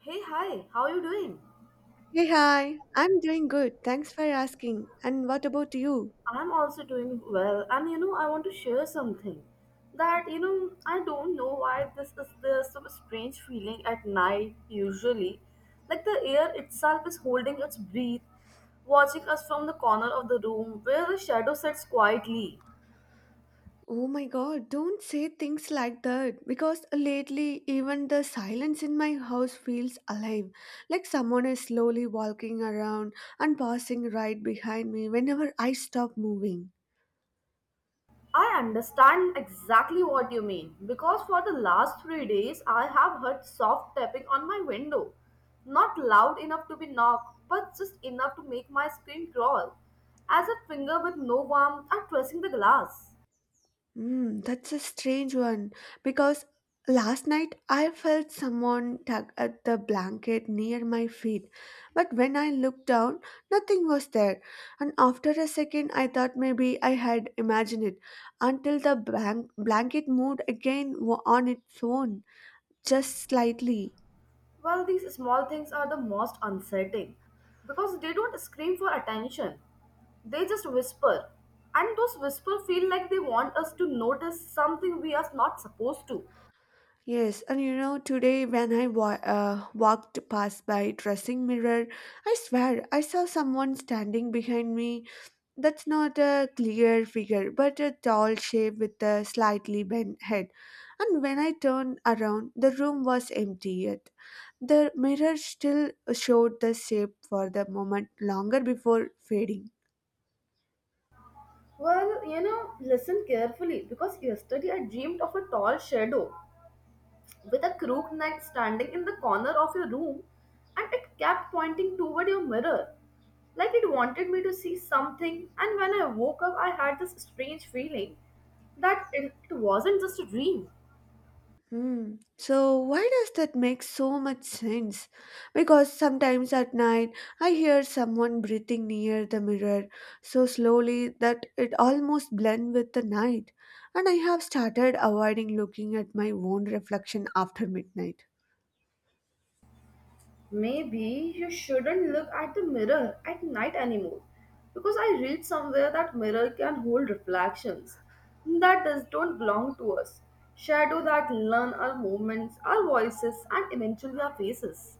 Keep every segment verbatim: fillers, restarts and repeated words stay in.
Hey, hi, how are you doing? Hey, hi. I'm doing good. Thanks for asking. And what about you? I'm also doing well, and you know, I want to share something that you know, I don't know why this is the some strange feeling at night usually. Like the air itself is holding its breath, watching us from the corner of the room where the shadow sits quietly. Oh my God, don't say things like that because lately even the silence in my house feels alive, like someone is slowly walking around and passing right behind me whenever I stop moving. I understand exactly what you mean because for the last three days I have heard soft tapping on my window. Not loud enough to be knocked, but just enough to make my skin crawl, as a finger with no warmth are pressing the glass. Mm, that's a strange one because last night I felt someone tug at the blanket near my feet, but when I looked down, nothing was there. And after a second, I thought maybe I had imagined it until the blank- blanket moved again wa- on its own, just slightly. Well, these small things are the most unsettling because they don't scream for attention, they just whisper, and those whispers feel like they want us to notice something we are not supposed to. Yes, and you know, today when I wa- uh, walked past by dressing mirror, I swear I saw someone standing behind me. That's not a clear figure, but a tall shape with a slightly bent head. And when I turned around, the room was empty yet. The mirror still showed the shape for the moment longer before fading. Well, you know, listen carefully because yesterday I dreamed of a tall shadow with a crooked neck standing in the corner of your room and it kept pointing toward your mirror. Like it wanted me to see something, and when I woke up, I had this strange feeling that it, it wasn't just a dream. Hmm. So why does that make so much sense? Because sometimes at night I hear someone breathing near the mirror so slowly that it almost blends with the night, and I have started avoiding looking at my own reflection after midnight. Maybe you shouldn't look at the mirror at night anymore because I read somewhere that mirror can hold reflections that does, don't belong to us, shadow that learn our movements, our voices, and eventually our faces.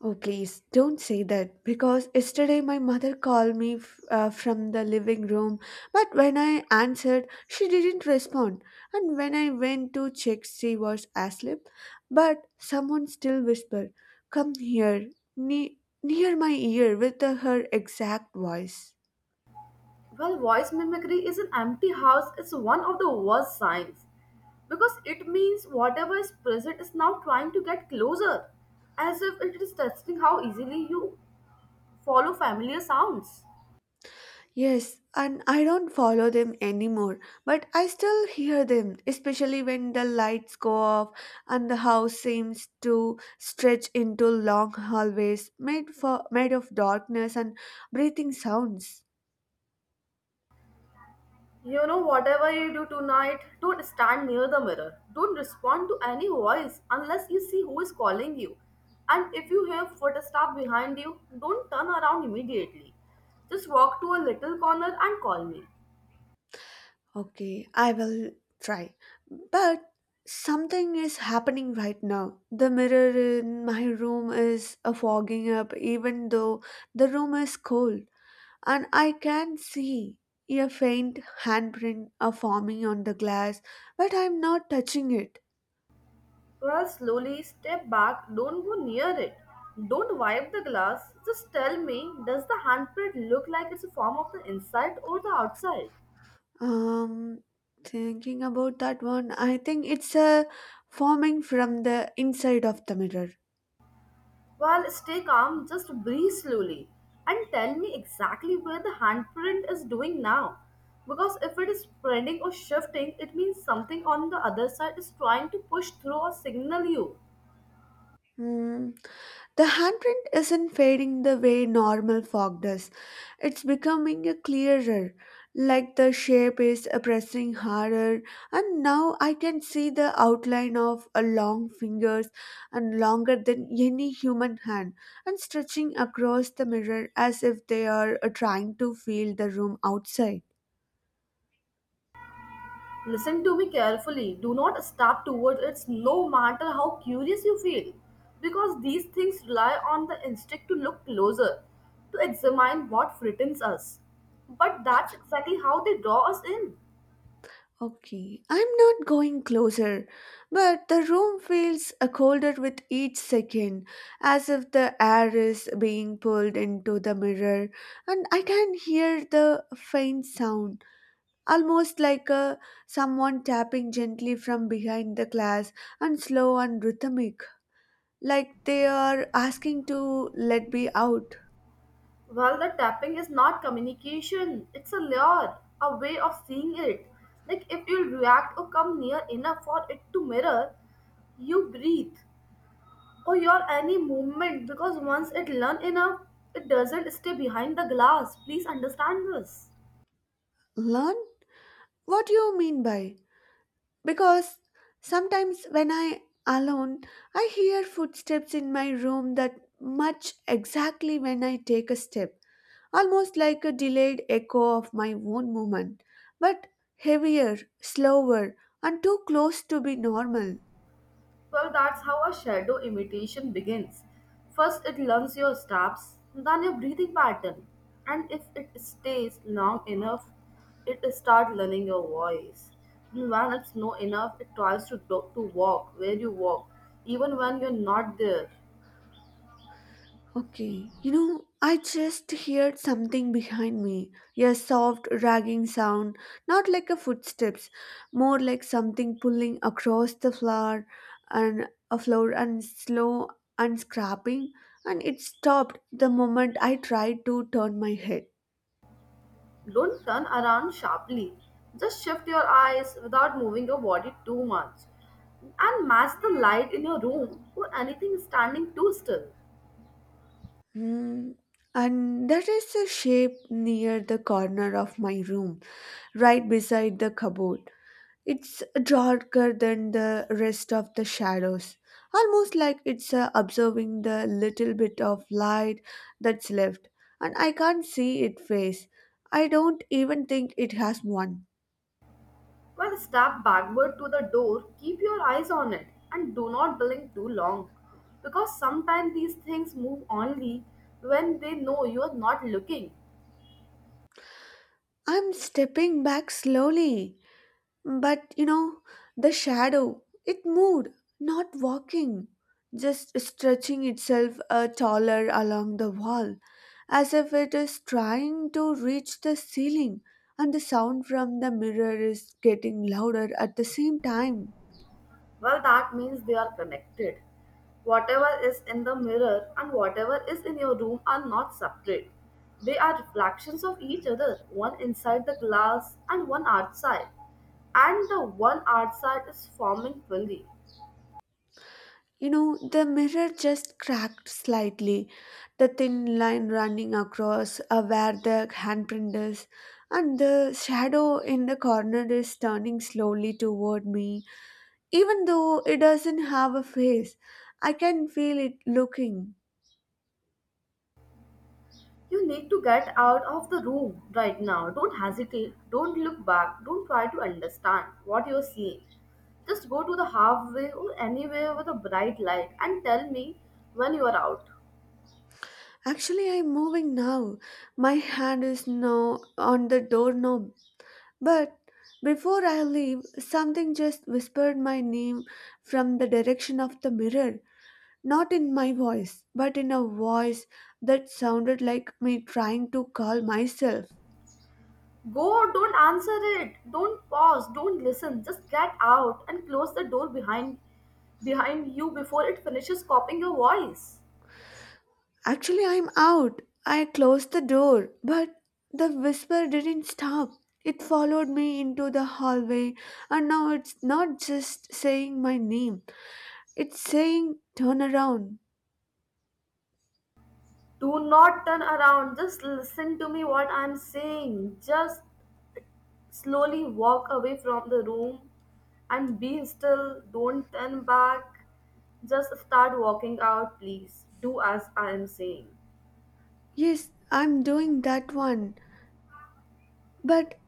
Oh, please don't say that because yesterday my mother called me f- uh, from the living room, but when I answered, she didn't respond. And when I went to check, she was asleep, but someone still whispered, "Come here," ne- near my ear with uh, her exact voice. Well, voice mimicry is an empty house is one of the worst signs because it means whatever is present is now trying to get closer, as if it is testing how easily you follow familiar sounds. Yes, and I don't follow them anymore, but I still hear them, especially when the lights go off and the house seems to stretch into long hallways made for made of darkness and breathing sounds. You know, whatever you do tonight, don't stand near the mirror. Don't respond to any voice unless you see who is calling you. And if you hear footsteps behind you, don't turn around immediately. Just walk to a little corner and call me. Okay, I will try. But something is happening right now. The mirror in my room is uh, fogging up even though the room is cold. And I can see a faint handprint are forming on the glass, but I'm not touching it. Well, slowly step back, don't go near it. Don't wipe the glass. Just tell me, does the handprint look like it's a form of the inside or the outside? Um, Thinking about that one, I think it's a forming from the inside of the mirror. Well, stay calm, just breathe slowly and tell me exactly where the handprint is doing now. Because if it is spreading or shifting, it means something on the other side is trying to push through or signal you. Hmm. The handprint isn't fading the way normal fog does. It's becoming a clearer, like the shape is pressing harder, and now I can see the outline of a long fingers and longer than any human hand and stretching across the mirror as if they are uh, trying to feel the room outside. Listen to me carefully. Do not step towards it no matter how curious you feel. Because these things rely on the instinct to look closer, to examine what threatens us. But that's exactly how they draw us in. Okay, I'm not going closer, but the room feels uh, colder with each second, as if the air is being pulled into the mirror, and I can hear the faint sound, almost like a, someone tapping gently from behind the glass, and slow and rhythmic, like they are asking to let me out. Well, the tapping is not communication, it's a lure, a way of seeing it. Like if you react or come near enough for it to mirror, you breathe or your any movement because once it learn enough, it doesn't stay behind the glass. Please understand this. Learn? What do you mean by? Because sometimes when I alone, I hear footsteps in my room that much exactly when I take a step, almost like a delayed echo of my own movement, but heavier, slower, and too close to be normal. Well, that's how a shadow imitation begins. First, it learns your steps, then your breathing pattern, and if it stays long enough, it starts learning your voice. And when it's not enough, it tries to, do- to walk where you walk, even when you're not there. Okay, you know, I just heard something behind me. A soft, dragging sound, not like a footsteps, more like something pulling across the floor and a floor and slow and scrapping. And it stopped the moment I tried to turn my head. Don't turn around sharply, just shift your eyes without moving your body too much, and match the light in your room or anything standing too still. Hmm. And there is a shape near the corner of my room, right beside the cupboard. It's darker than the rest of the shadows, almost like it's uh, observing the little bit of light that's left, and I can't see its face. I don't even think it has one. Well, step backward to the door, keep your eyes on it and do not blink too long because sometimes these things move only when they know you are not looking. I'm stepping back slowly. But you know, the shadow, it moved, not walking, just stretching itself uh, taller along the wall, as if it is trying to reach the ceiling, and the sound from the mirror is getting louder at the same time. Well, that means they are connected. Whatever is in the mirror and whatever is in your room are not separate. They are reflections of each other, one inside the glass and one outside. And the one outside is forming fully. You know, the mirror just cracked slightly, the thin line running across uh, where the handprint is, and the shadow in the corner is turning slowly toward me. Even though it doesn't have a face, I can feel it looking. You need to get out of the room right now. Don't hesitate. Don't look back. Don't try to understand what you're seeing. Just go to the halfway or anywhere with a bright light and tell me when you are out. Actually, I'm moving now. My hand is now on the doorknob. But before I leave, something just whispered my name from the direction of the mirror. Not in my voice, but in a voice that sounded like me trying to call myself. Go, don't answer it. Don't pause. Don't listen. Just get out and close the door behind behind you before it finishes copying your voice. Actually, I'm out. I closed the door, but the whisper didn't stop. It followed me into the hallway, and now it's not just saying my name, it's saying, "Turn around." Do not turn around. Just listen to me what I'm saying. Just slowly walk away from the room and be still. Don't turn back. Just start walking out, please. Do as I am saying. Yes, I'm doing that one, but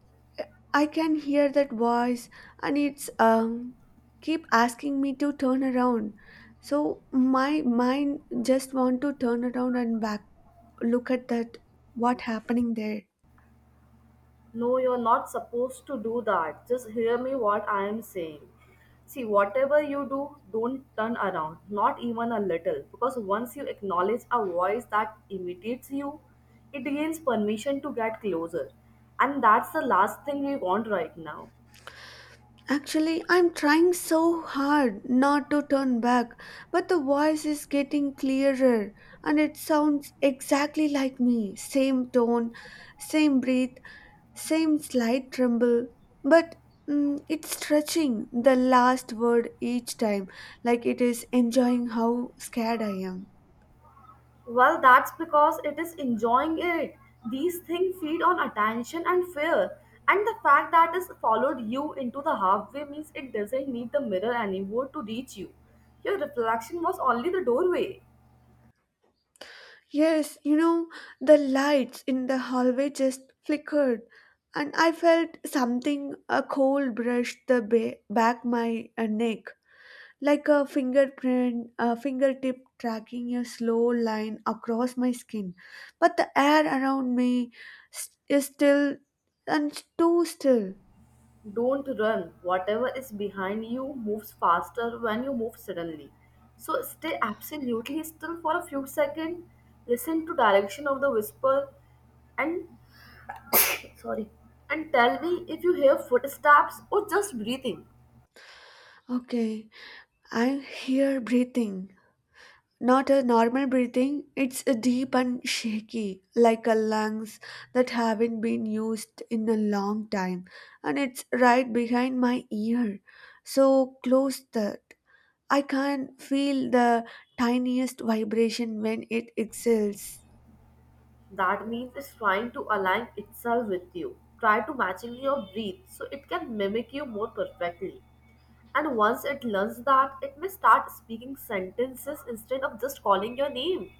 I can hear that voice, and it's um, keep asking me to turn around. So my mind just want to turn around and back look at that what happening there. No, you're not supposed to do that. Just hear me what I am saying. See, whatever you do, don't turn around, not even a little. Because once you acknowledge a voice that imitates you, it gains permission to get closer. And that's the last thing we want right now. Actually, I'm trying so hard not to turn back, but the voice is getting clearer and it sounds exactly like me. Same tone, same breath, same slight tremble, but mm, it's stretching the last word each time, like it is enjoying how scared I am. Well, that's because it is enjoying it. These things feed on attention and fear. And the fact that it's followed you into the halfway means it doesn't need the mirror anymore to reach you. Your reflection was only the doorway. Yes, you know, the lights in the hallway just flickered, and I felt something a cold brushed the ba- back my uh, neck, like a fingerprint, a fingertip tracking a slow line across my skin. But the air around me s- is still and too still. Don't run. Whatever is behind you moves faster when you move suddenly. So stay absolutely still for a few seconds. Listen to direction of the whisper and sorry. And tell me if you hear footsteps or just breathing. Okay, I hear breathing. Not a normal breathing, it's a deep and shaky, like a lungs that haven't been used in a long time, and it's right behind my ear, so close that I can feel the tiniest vibration when it exhales. That means it's trying to align itself with you. Try to matching your breath so it can mimic you more perfectly. And once it learns that, it may start speaking sentences instead of just calling your name.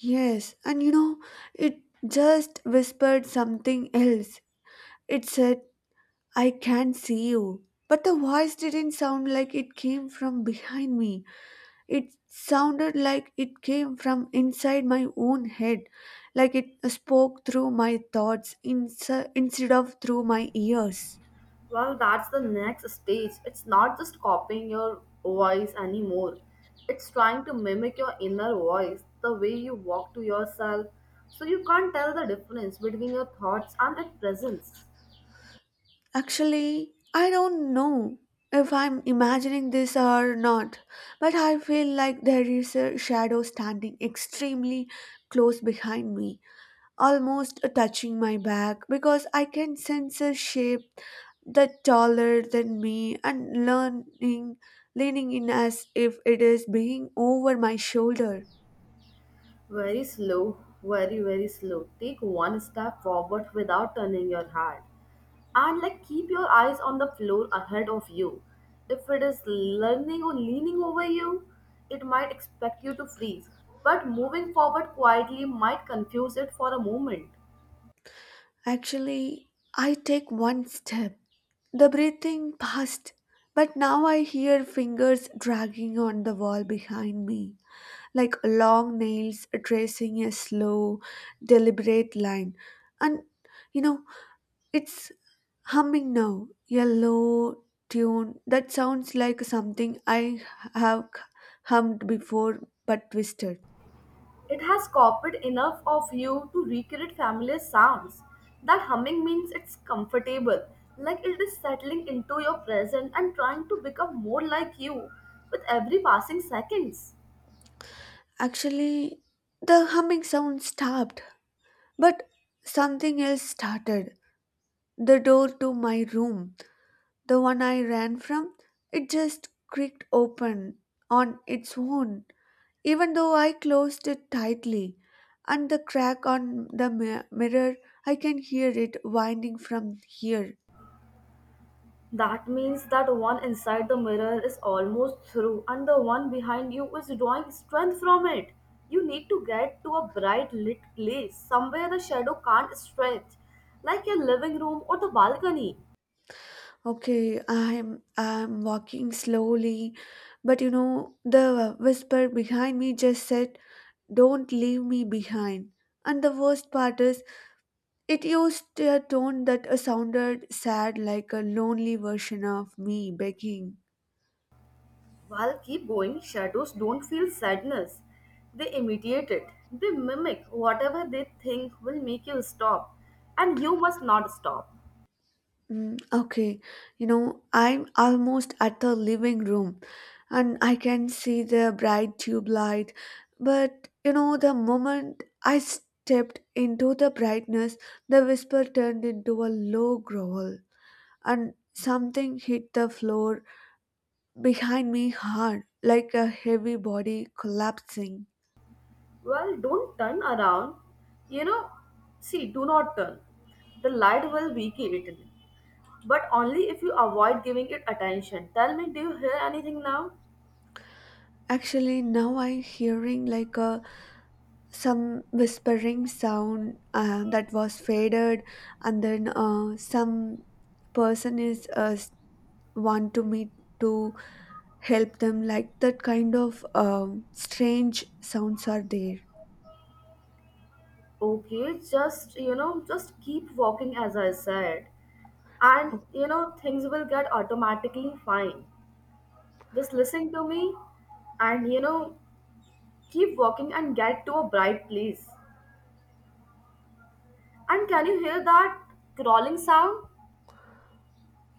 Yes, and you know, it just whispered something else. It said, "I can see you." But the voice didn't sound like it came from behind me. It sounded like it came from inside my own head, like it spoke through my thoughts insi- instead of through my ears. Well, that's the next stage. It's not just copying your voice anymore. It's trying to mimic your inner voice, the way you walk to yourself, so you can't tell the difference between your thoughts and its presence. Actually, I don't know if I'm imagining this or not, but I feel like there is a shadow standing extremely close behind me, almost touching my back because I can sense a shape that taller than me and leaning leaning in as if it is being over my shoulder. Very slow, very, very slow. Take one step forward without turning your head. And like keep your eyes on the floor ahead of you. If it is learning or leaning over you, it might expect you to freeze. But moving forward quietly might confuse it for a moment. Actually, I take one step, the breathing passed, but now I hear fingers dragging on the wall behind me, like long nails tracing a slow, deliberate line. And you know, it's humming now, a low tune that sounds like something I have hummed before but twisted. It has copied enough of you to recreate familiar sounds. That humming means it's comfortable, like it is settling into your present and trying to become more like you with every passing seconds. Actually, the humming sound stopped, but something else started. The door to my room, the one I ran from, it just creaked open on its own, even though I closed it tightly. And the crack on the mi- mirror, I can hear it winding from here. That means that one inside the mirror is almost through and the one behind you is drawing strength from it. You need to get to a bright lit place, somewhere the shadow can't stretch, like your living room or the balcony. Okay, I'm I'm walking slowly, but you know, the whisper behind me just said, "Don't leave me behind." And the worst part is, it used a tone that sounded sad, like a lonely version of me begging. While keep going, shadows don't feel sadness. They imitate it. They mimic whatever they think will make you stop. And you must not stop. Mm, okay, you know, I'm almost at the living room and I can see the bright tube light. But, you know, the moment I stepped into the brightness, the whisper turned into a low growl and something hit the floor behind me hard, like a heavy body collapsing. Well, don't turn around. You know, see, do not turn. The light will weaken it. But only if you avoid giving it attention. Tell me, do you hear anything now? Actually, now I'm hearing like a some whispering sound uh, that was faded and then uh, some person is uh, s- want to meet to help them like that kind of um, strange sounds are there. Okay, just, you know, just keep walking as I said. And, Oh, you know, things will get automatically fine. Just listen to me and you know, keep walking and get to a bright place. And can you hear that crawling sound?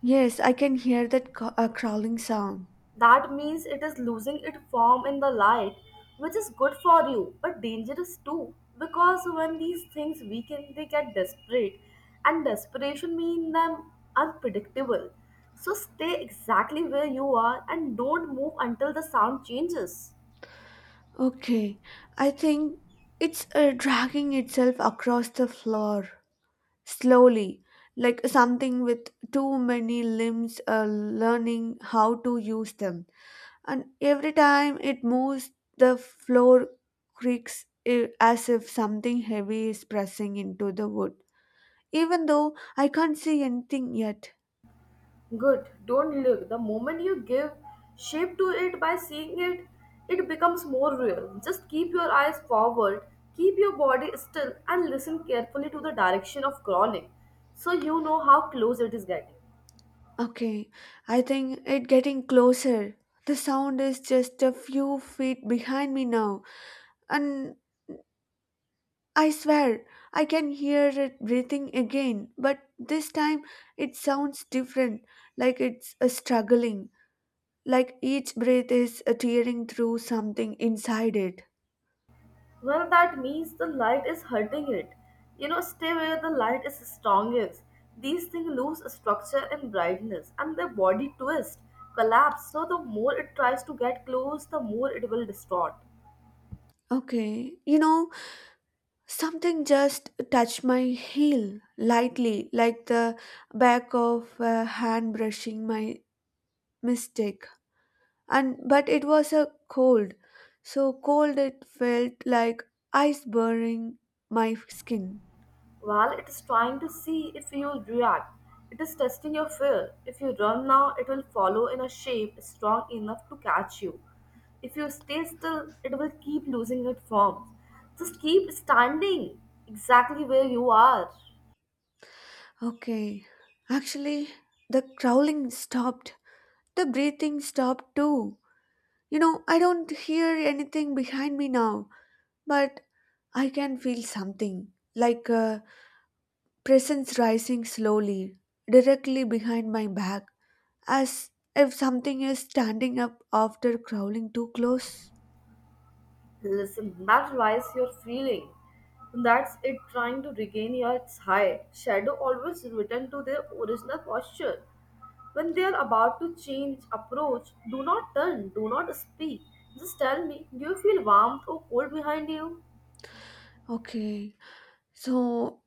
yes I can hear that ca- uh, crawling sound. That means it is losing its form in the light, which is good for you but dangerous too. Because when these things weaken, they get desperate, and desperation means them unpredictable. So stay exactly where you are and don't move until the sound changes. Okay, I think it's uh, dragging itself across the floor slowly like something with too many limbs uh, learning how to use them and every time it moves, the floor creaks eh, as if something heavy is pressing into the wood. Even though I can't see anything yet. Good, don't look. The moment you give shape to it by seeing it, it becomes more real. Just keep your eyes forward, keep your body still, and listen carefully to the direction of crawling so you know how close it is getting. Okay, I think it getting closer. The sound is just a few feet behind me now, and I swear I can hear it breathing again, but this time it sounds different, like it's a struggling, like each breath is a tearing through something inside it. Well, that means the light is hurting it. You know, stay where the light is strongest. These things lose structure and brightness, and their body twist, collapse. So, the more it tries to get close, the more it will distort. Okay, you know, something just touched my heel lightly, like the back of a hand brushing my mistake. And but it was a cold, so cold it felt like ice burning my skin. Well, it is trying to see if you'll react. It is testing your fear. If you run now, it will follow in a shape strong enough to catch you. If you stay still, it will keep losing its form. Just keep standing exactly where you are. Okay, actually, the growling stopped, the breathing stopped too. You know, I don't hear anything behind me now, but I can feel something like a presence rising slowly, directly behind my back, as if something is standing up after crawling too close. Listen, that rise you're feeling. That's it trying to regain your high. Shadow always return to their original posture. When they are about to change approach, do not turn, do not speak. Just tell me, do you feel warmth or cold behind you? Okay, so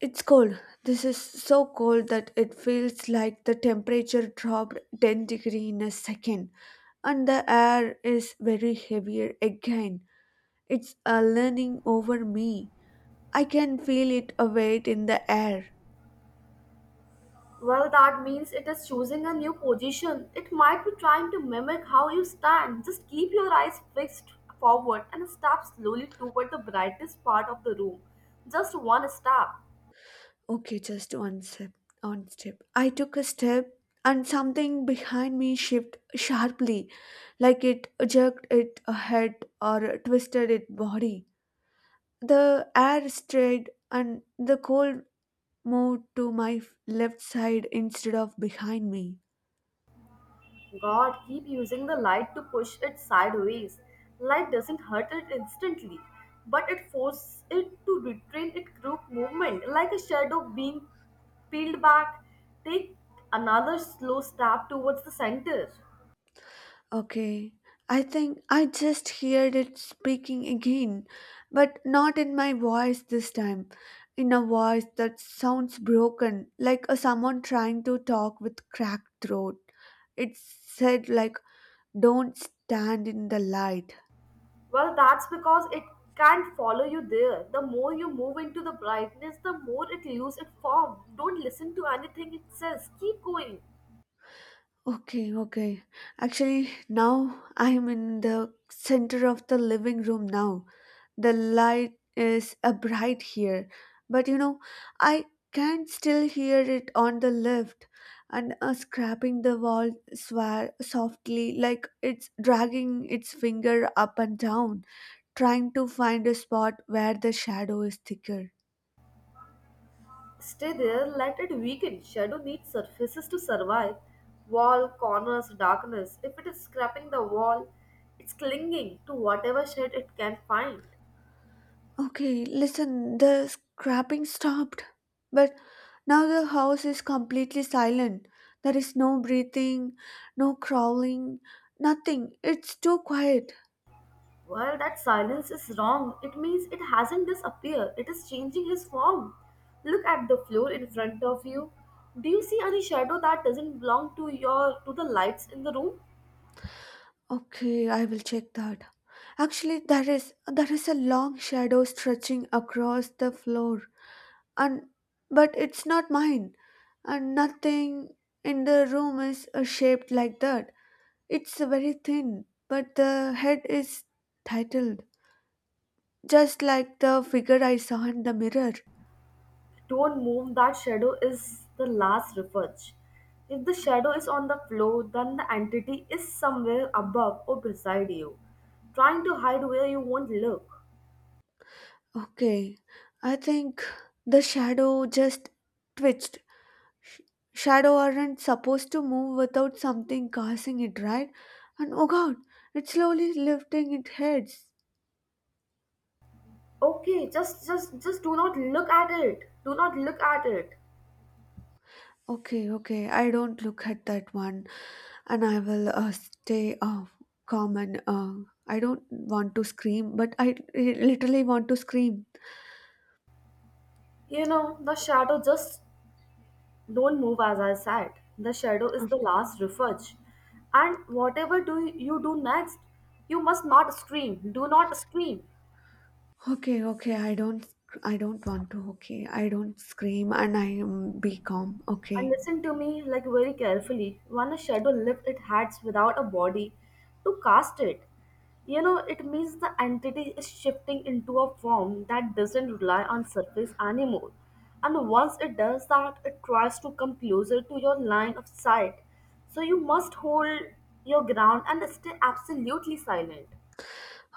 it's cold. This is so cold that it feels like the temperature dropped ten degree in a second, and the air is very heavier again. It's a leaning over me. I can feel it a weight in the air. Well, that means it is choosing a new position. It might be trying to mimic how you stand. Just keep your eyes fixed forward and step slowly toward the brightest part of the room. Just one step. Okay, just one step. One step. I took a step, and something behind me shifted sharply, like it jerked it head or twisted its body. The air strayed, and the cold moved to my f- left side instead of behind me. God, keep using the light to push it sideways. Light doesn't hurt it instantly, but it forces it to retrain its group movement like a shadow being peeled back. Take another slow step towards the center. Okay, I think I just heard it speaking again, but not in my voice this time, in a voice that sounds broken, like a someone trying to talk with cracked throat. It said like, "Don't stand in the light." Well, that's because it can't follow you there. The more you move into the brightness, the more it loses its form. Don't listen to anything it says. Keep going. Okay, okay. Actually, now I'm in the center of the living room now. The light is a bright here, but you know I can still hear it on the left and uh, scrapping the wall swa- softly, like it's dragging its finger up and down, trying to find a spot where the shadow is thicker. Stay there, let it weaken. Shadow needs surfaces to survive. Wall, corners, darkness. If it is scraping the wall, it's clinging to whatever shade it can find. Okay, listen, the scrapping stopped, but now the house is completely silent. There is no breathing, no crawling, nothing. It's too quiet. Well, that silence is wrong. It means it hasn't disappeared. It is changing his form. Look at the floor in front of you. Do you see any shadow that doesn't belong to your to the lights in the room? Okay, I will check that. Actually, there is there is a long shadow stretching across the floor, and but it's not mine, and nothing in the room is uh, shaped like that. It's very thin, but the head is titled, just like the figure I saw in the mirror. Don't move, that shadow is the last refuge. If the shadow is on the floor, then the entity is somewhere above or beside you, trying to hide where you won't look. Okay, I think the shadow just twitched. Sh- Shadow aren't supposed to move without something causing it, right? And oh god, it's slowly lifting its heads. Okay, just just just do not look at it. Do not look at it. Okay, okay, I don't look at that one, and I will uh, stay uh, calm and uh, I don't want to scream, but I li- literally want to scream. You know, the shadow just don't move as I said. The shadow is Uh, the last refuge. And whatever do you do next, you must not scream. Do not scream. Okay, okay, I don't, I don't want to, okay, I don't scream and I um, be calm, And okay. listened to me like very carefully when a shadow lifts its hands without a body to cast it. You know, it means the entity is shifting into a form that doesn't rely on surface anymore. And once it does that, it tries to come closer to your line of sight. So you must hold your ground and stay absolutely silent.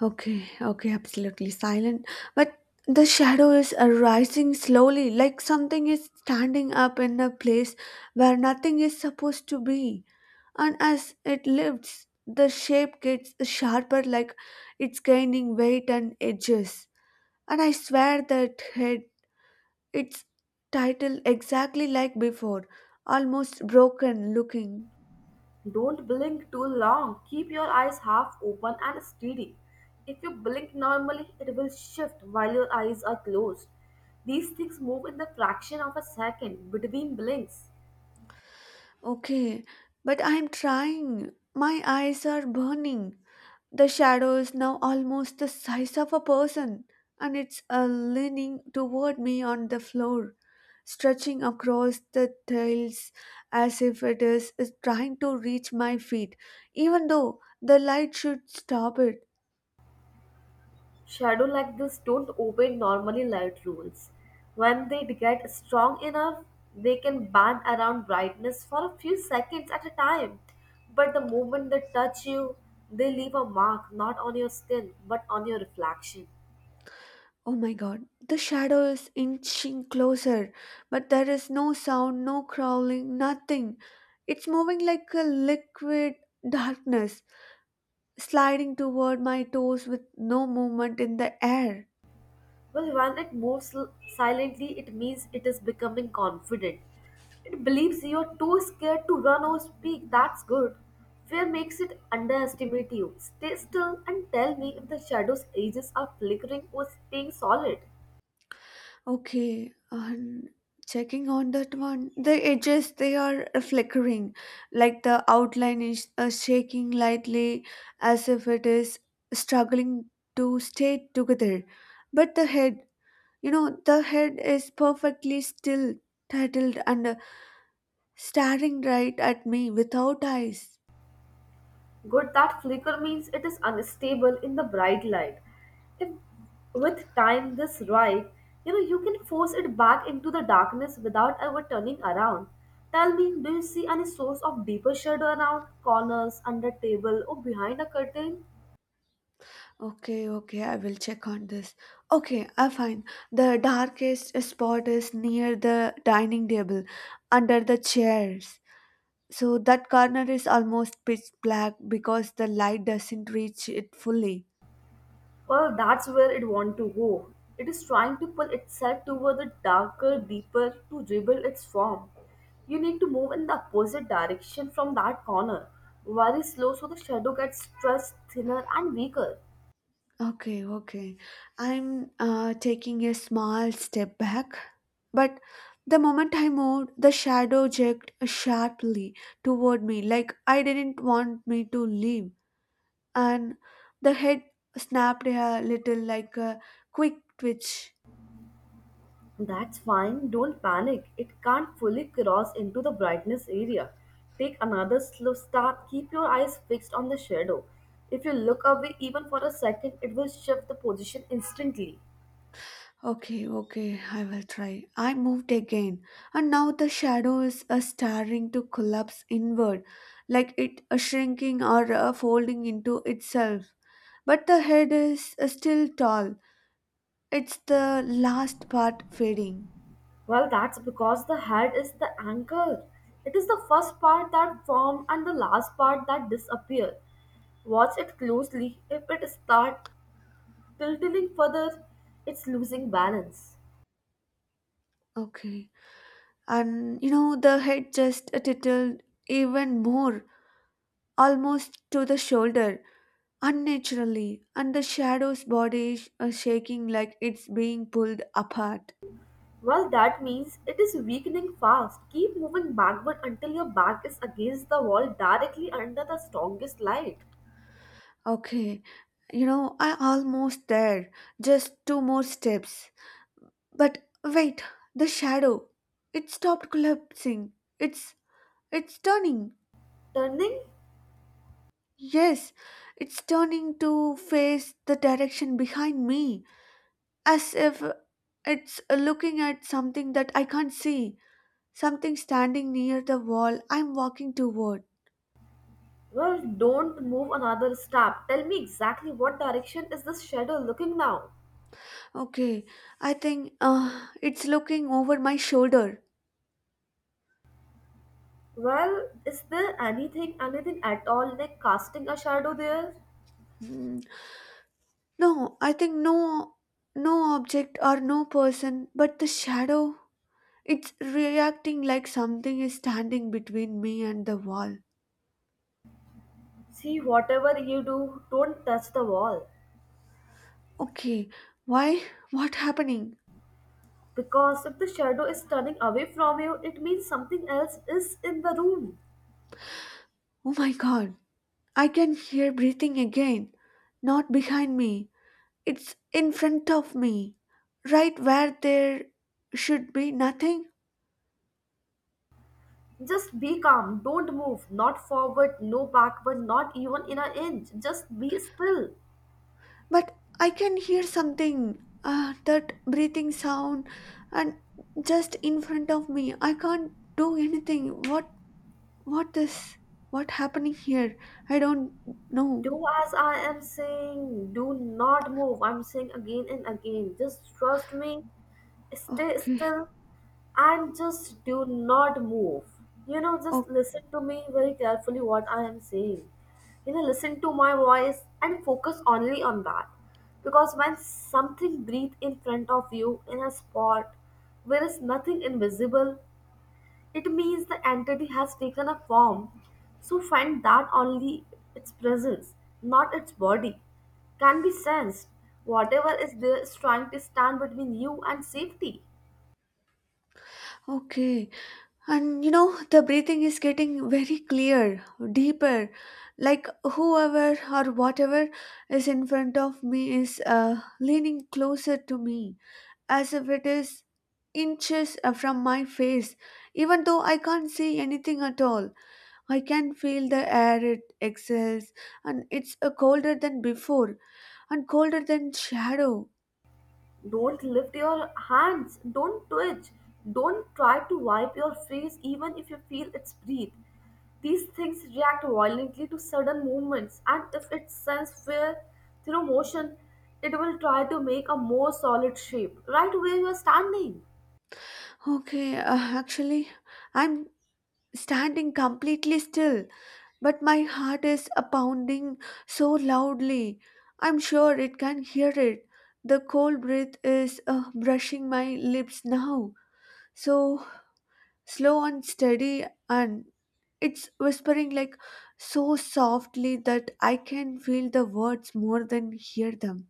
Okay, okay, absolutely silent. But the shadow is arising slowly, like something is standing up in a place where nothing is supposed to be. And as it lifts, the shape gets sharper, like it's gaining weight and edges. And I swear that head, its title exactly like before, almost broken looking. Don't blink too long. Keep your eyes half open and steady. If you blink normally, it will shift while your eyes are closed. These things move in the fraction of a second between blinks. Okay, but I'm trying. My eyes are burning. The shadow is now almost the size of a person, and it's uh, leaning toward me on the floor, stretching across the tiles as if it is, is trying to reach my feet, even though the light should stop it. Shadow like this don't obey normally light rules. When they get strong enough, they can band around brightness for a few seconds at a time. But the moment they touch you, they leave a mark not on your skin but on your reflection. Oh my god, the shadow is inching closer, but there is no sound, no crawling, nothing. It's moving like a liquid darkness, sliding toward my toes with no movement in the air. Well, when it moves l- silently, it means it is becoming confident. It believes you're too scared to run or speak. That's good. Fear makes it underestimate you. Stay still and tell me if the shadow's edges are flickering or staying solid. Okay, and checking on that one, the edges they are flickering, like the outline is uh, shaking lightly as if it is struggling to stay together. But the head, you know, the head is perfectly still, titled, and uh, staring right at me without eyes. Good, that flicker means it is unstable in the bright light. If with time this ripe, you know you can force it back into the darkness without ever turning around. Tell me, do you see any source of deeper shadow around corners, under table, or behind a curtain? Okay, okay, I will check on this. Okay, I find the darkest spot is near the dining table, under the chairs. So that corner is almost pitch black because the light doesn't reach it fully. Well, that's where it wants to go. It is trying to pull itself toward the darker, deeper to rebuild its form. You need to move in the opposite direction from that corner, very slow so the shadow gets stretched thinner and weaker. Okay, okay. I'm uh, taking a small step back. But the moment I moved, the shadow jerked sharply toward me, like I didn't want me to leave. And the head snapped a little like a quick twitch. That's fine, don't panic. It can't fully cross into the brightness area. Take another slow step, keep your eyes fixed on the shadow. If you look away even for a second, it will shift the position instantly. Okay, okay, I will try. I moved again, and now the shadow is uh, starting to collapse inward, like it uh, shrinking or uh, folding into itself. But the head is uh, still tall, it's the last part fading. Well, that's because the head is the anchor. It is the first part that forms and the last part that disappears. Watch it closely. If it starts tilting further, it's losing balance. Okay, and you know, the head just uh, titled even more, almost to the shoulder, unnaturally, and the shadow's body is uh, shaking like it's being pulled apart. Well, that means it is weakening fast. Keep moving backward until your back is against the wall directly under the strongest light. Okay, you know, I almost there. Just two more steps. But wait, the shadow. It stopped collapsing. It's it's turning. Turning? Yes, it's turning to face the direction behind me, as if it's looking at something that I can't see. Something standing near the wall I'm walking toward. Well, don't move another step. Tell me exactly what direction is this shadow looking now? Okay, I think uh, it's looking over my shoulder. Well, is there anything, anything at all like casting a shadow there? No, I think no no object or no person, but the shadow. It's reacting like something is standing between me and the wall. See, whatever you do, don't touch the wall. Okay, why? What happening? Because if the shadow is turning away from you, it means something else is in the room. Oh my god. I can hear breathing again. Not behind me. It's in front of me. Right where there should be nothing. Just be calm, don't move, not forward, no backward, not even in an inch. Just be still. But I can hear something, uh, that breathing sound, and just in front of me. I can't do anything. What, what this? What happening here? I don't know. Do as I am saying. Do not move. I'm saying again and again. Just trust me. Stay Okay, still and just do not move. You know, just oh, listen to me very carefully what I am saying. You know, listen to my voice and focus only on that. Because when something breathes in front of you in a spot where is nothing invisible, it means the entity has taken a form, so find that only its presence, not its body, can be sensed. Whatever is there is trying to stand between you and safety. okay. And you know, the breathing is getting very clear, deeper. Like whoever or whatever is in front of me is uh, leaning closer to me, as if it is inches uh, from my face. Even though I can't see anything at all, I can feel the air it exhales, and it's uh, colder than before and colder than shadow. Don't lift your hands, don't twitch, don't try to wipe your face even if you feel its breath. These things react violently to sudden movements, and if it senses fear through motion, it will try to make a more solid shape right where you are standing. Okay, uh, actually, I'm standing completely still, but my heart is uh, pounding so loudly. I'm sure it can hear it. The cold breath is uh, brushing my lips now. So slow and steady, and it's whispering like so softly that I can feel the words more than hear them.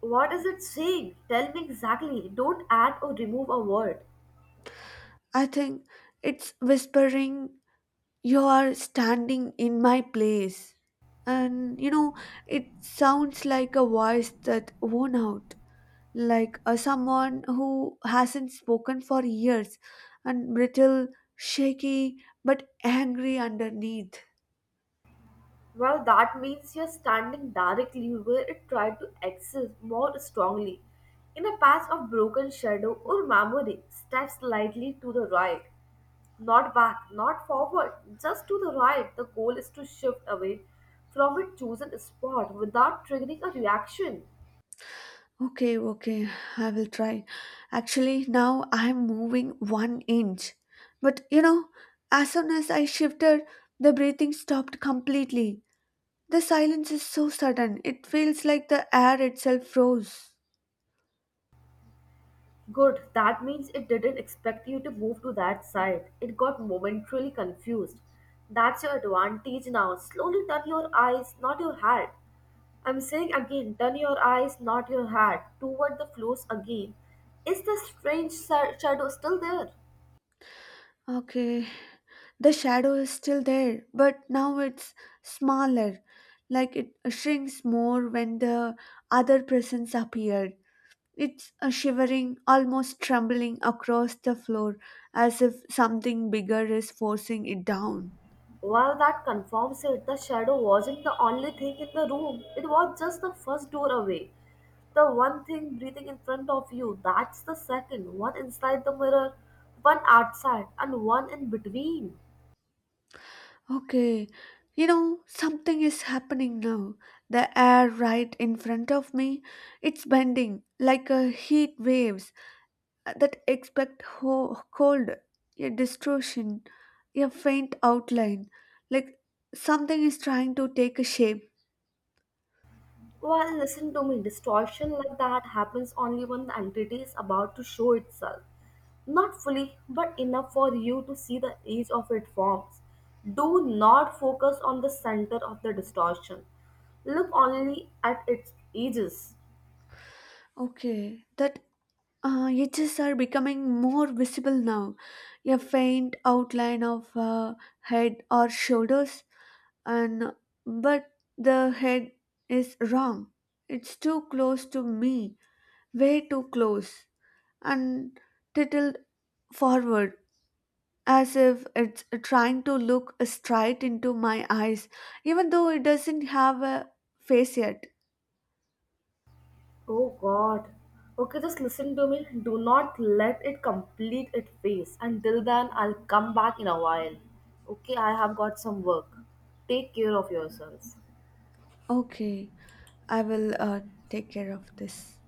What is it saying? Tell me exactly. Don't add or remove a word. I think it's whispering, "You are standing in my place." And you know, it sounds like a voice that worn out, like a someone who hasn't spoken for years and brittle, shaky, but angry underneath. Well, that means you're standing directly where it tried to exist more strongly. In a patch of broken shadow or memory, step slightly to the right. Not back, not forward, just to the right. The goal is to shift away from a chosen spot without triggering a reaction. Okay, okay, I will try. Actually, now I'm moving one inch. But you know, as soon as I shifted, the breathing stopped completely. The silence is so sudden, it feels like the air itself froze. Good. That means it didn't expect you to move to that side. It got momentarily confused. That's your advantage now. Slowly turn your eyes, not your head. I'm saying again, turn your eyes, not your head, toward the floors again. Is the strange sa- shadow still there? Okay, the shadow is still there, but now it's smaller, like it shrinks more when the other presence appeared. It's a shivering, almost trembling across the floor as if something bigger is forcing it down. Well, that confirms it. The shadow wasn't the only thing in the room. It was just the first door away. The one thing breathing in front of you, that's the second. One inside the mirror, one outside, and one in between. Okay, you know, something is happening now. The air right in front of me, it's bending like a heat waves that expect ho- cold, a distortion, a faint outline, like something is trying to take a shape. Well, listen to me. Distortion like that happens only when the entity is about to show itself. Not fully, but enough for you to see the edge of its forms. Do not focus on the center of the distortion. Look only at its edges. Okay, that Uh, edges are becoming more visible now. A faint outline of uh, head or shoulders, and but the head is wrong. It's too close to me, way too close, and tilted forward as if it's trying to look straight into my eyes, even though it doesn't have a face yet. Oh god. Okay, just listen to me. Do not let it complete its phase. Until then, I'll come back in a while. Okay, I have got some work. Take care of yourselves. Okay, I will uh, take care of this.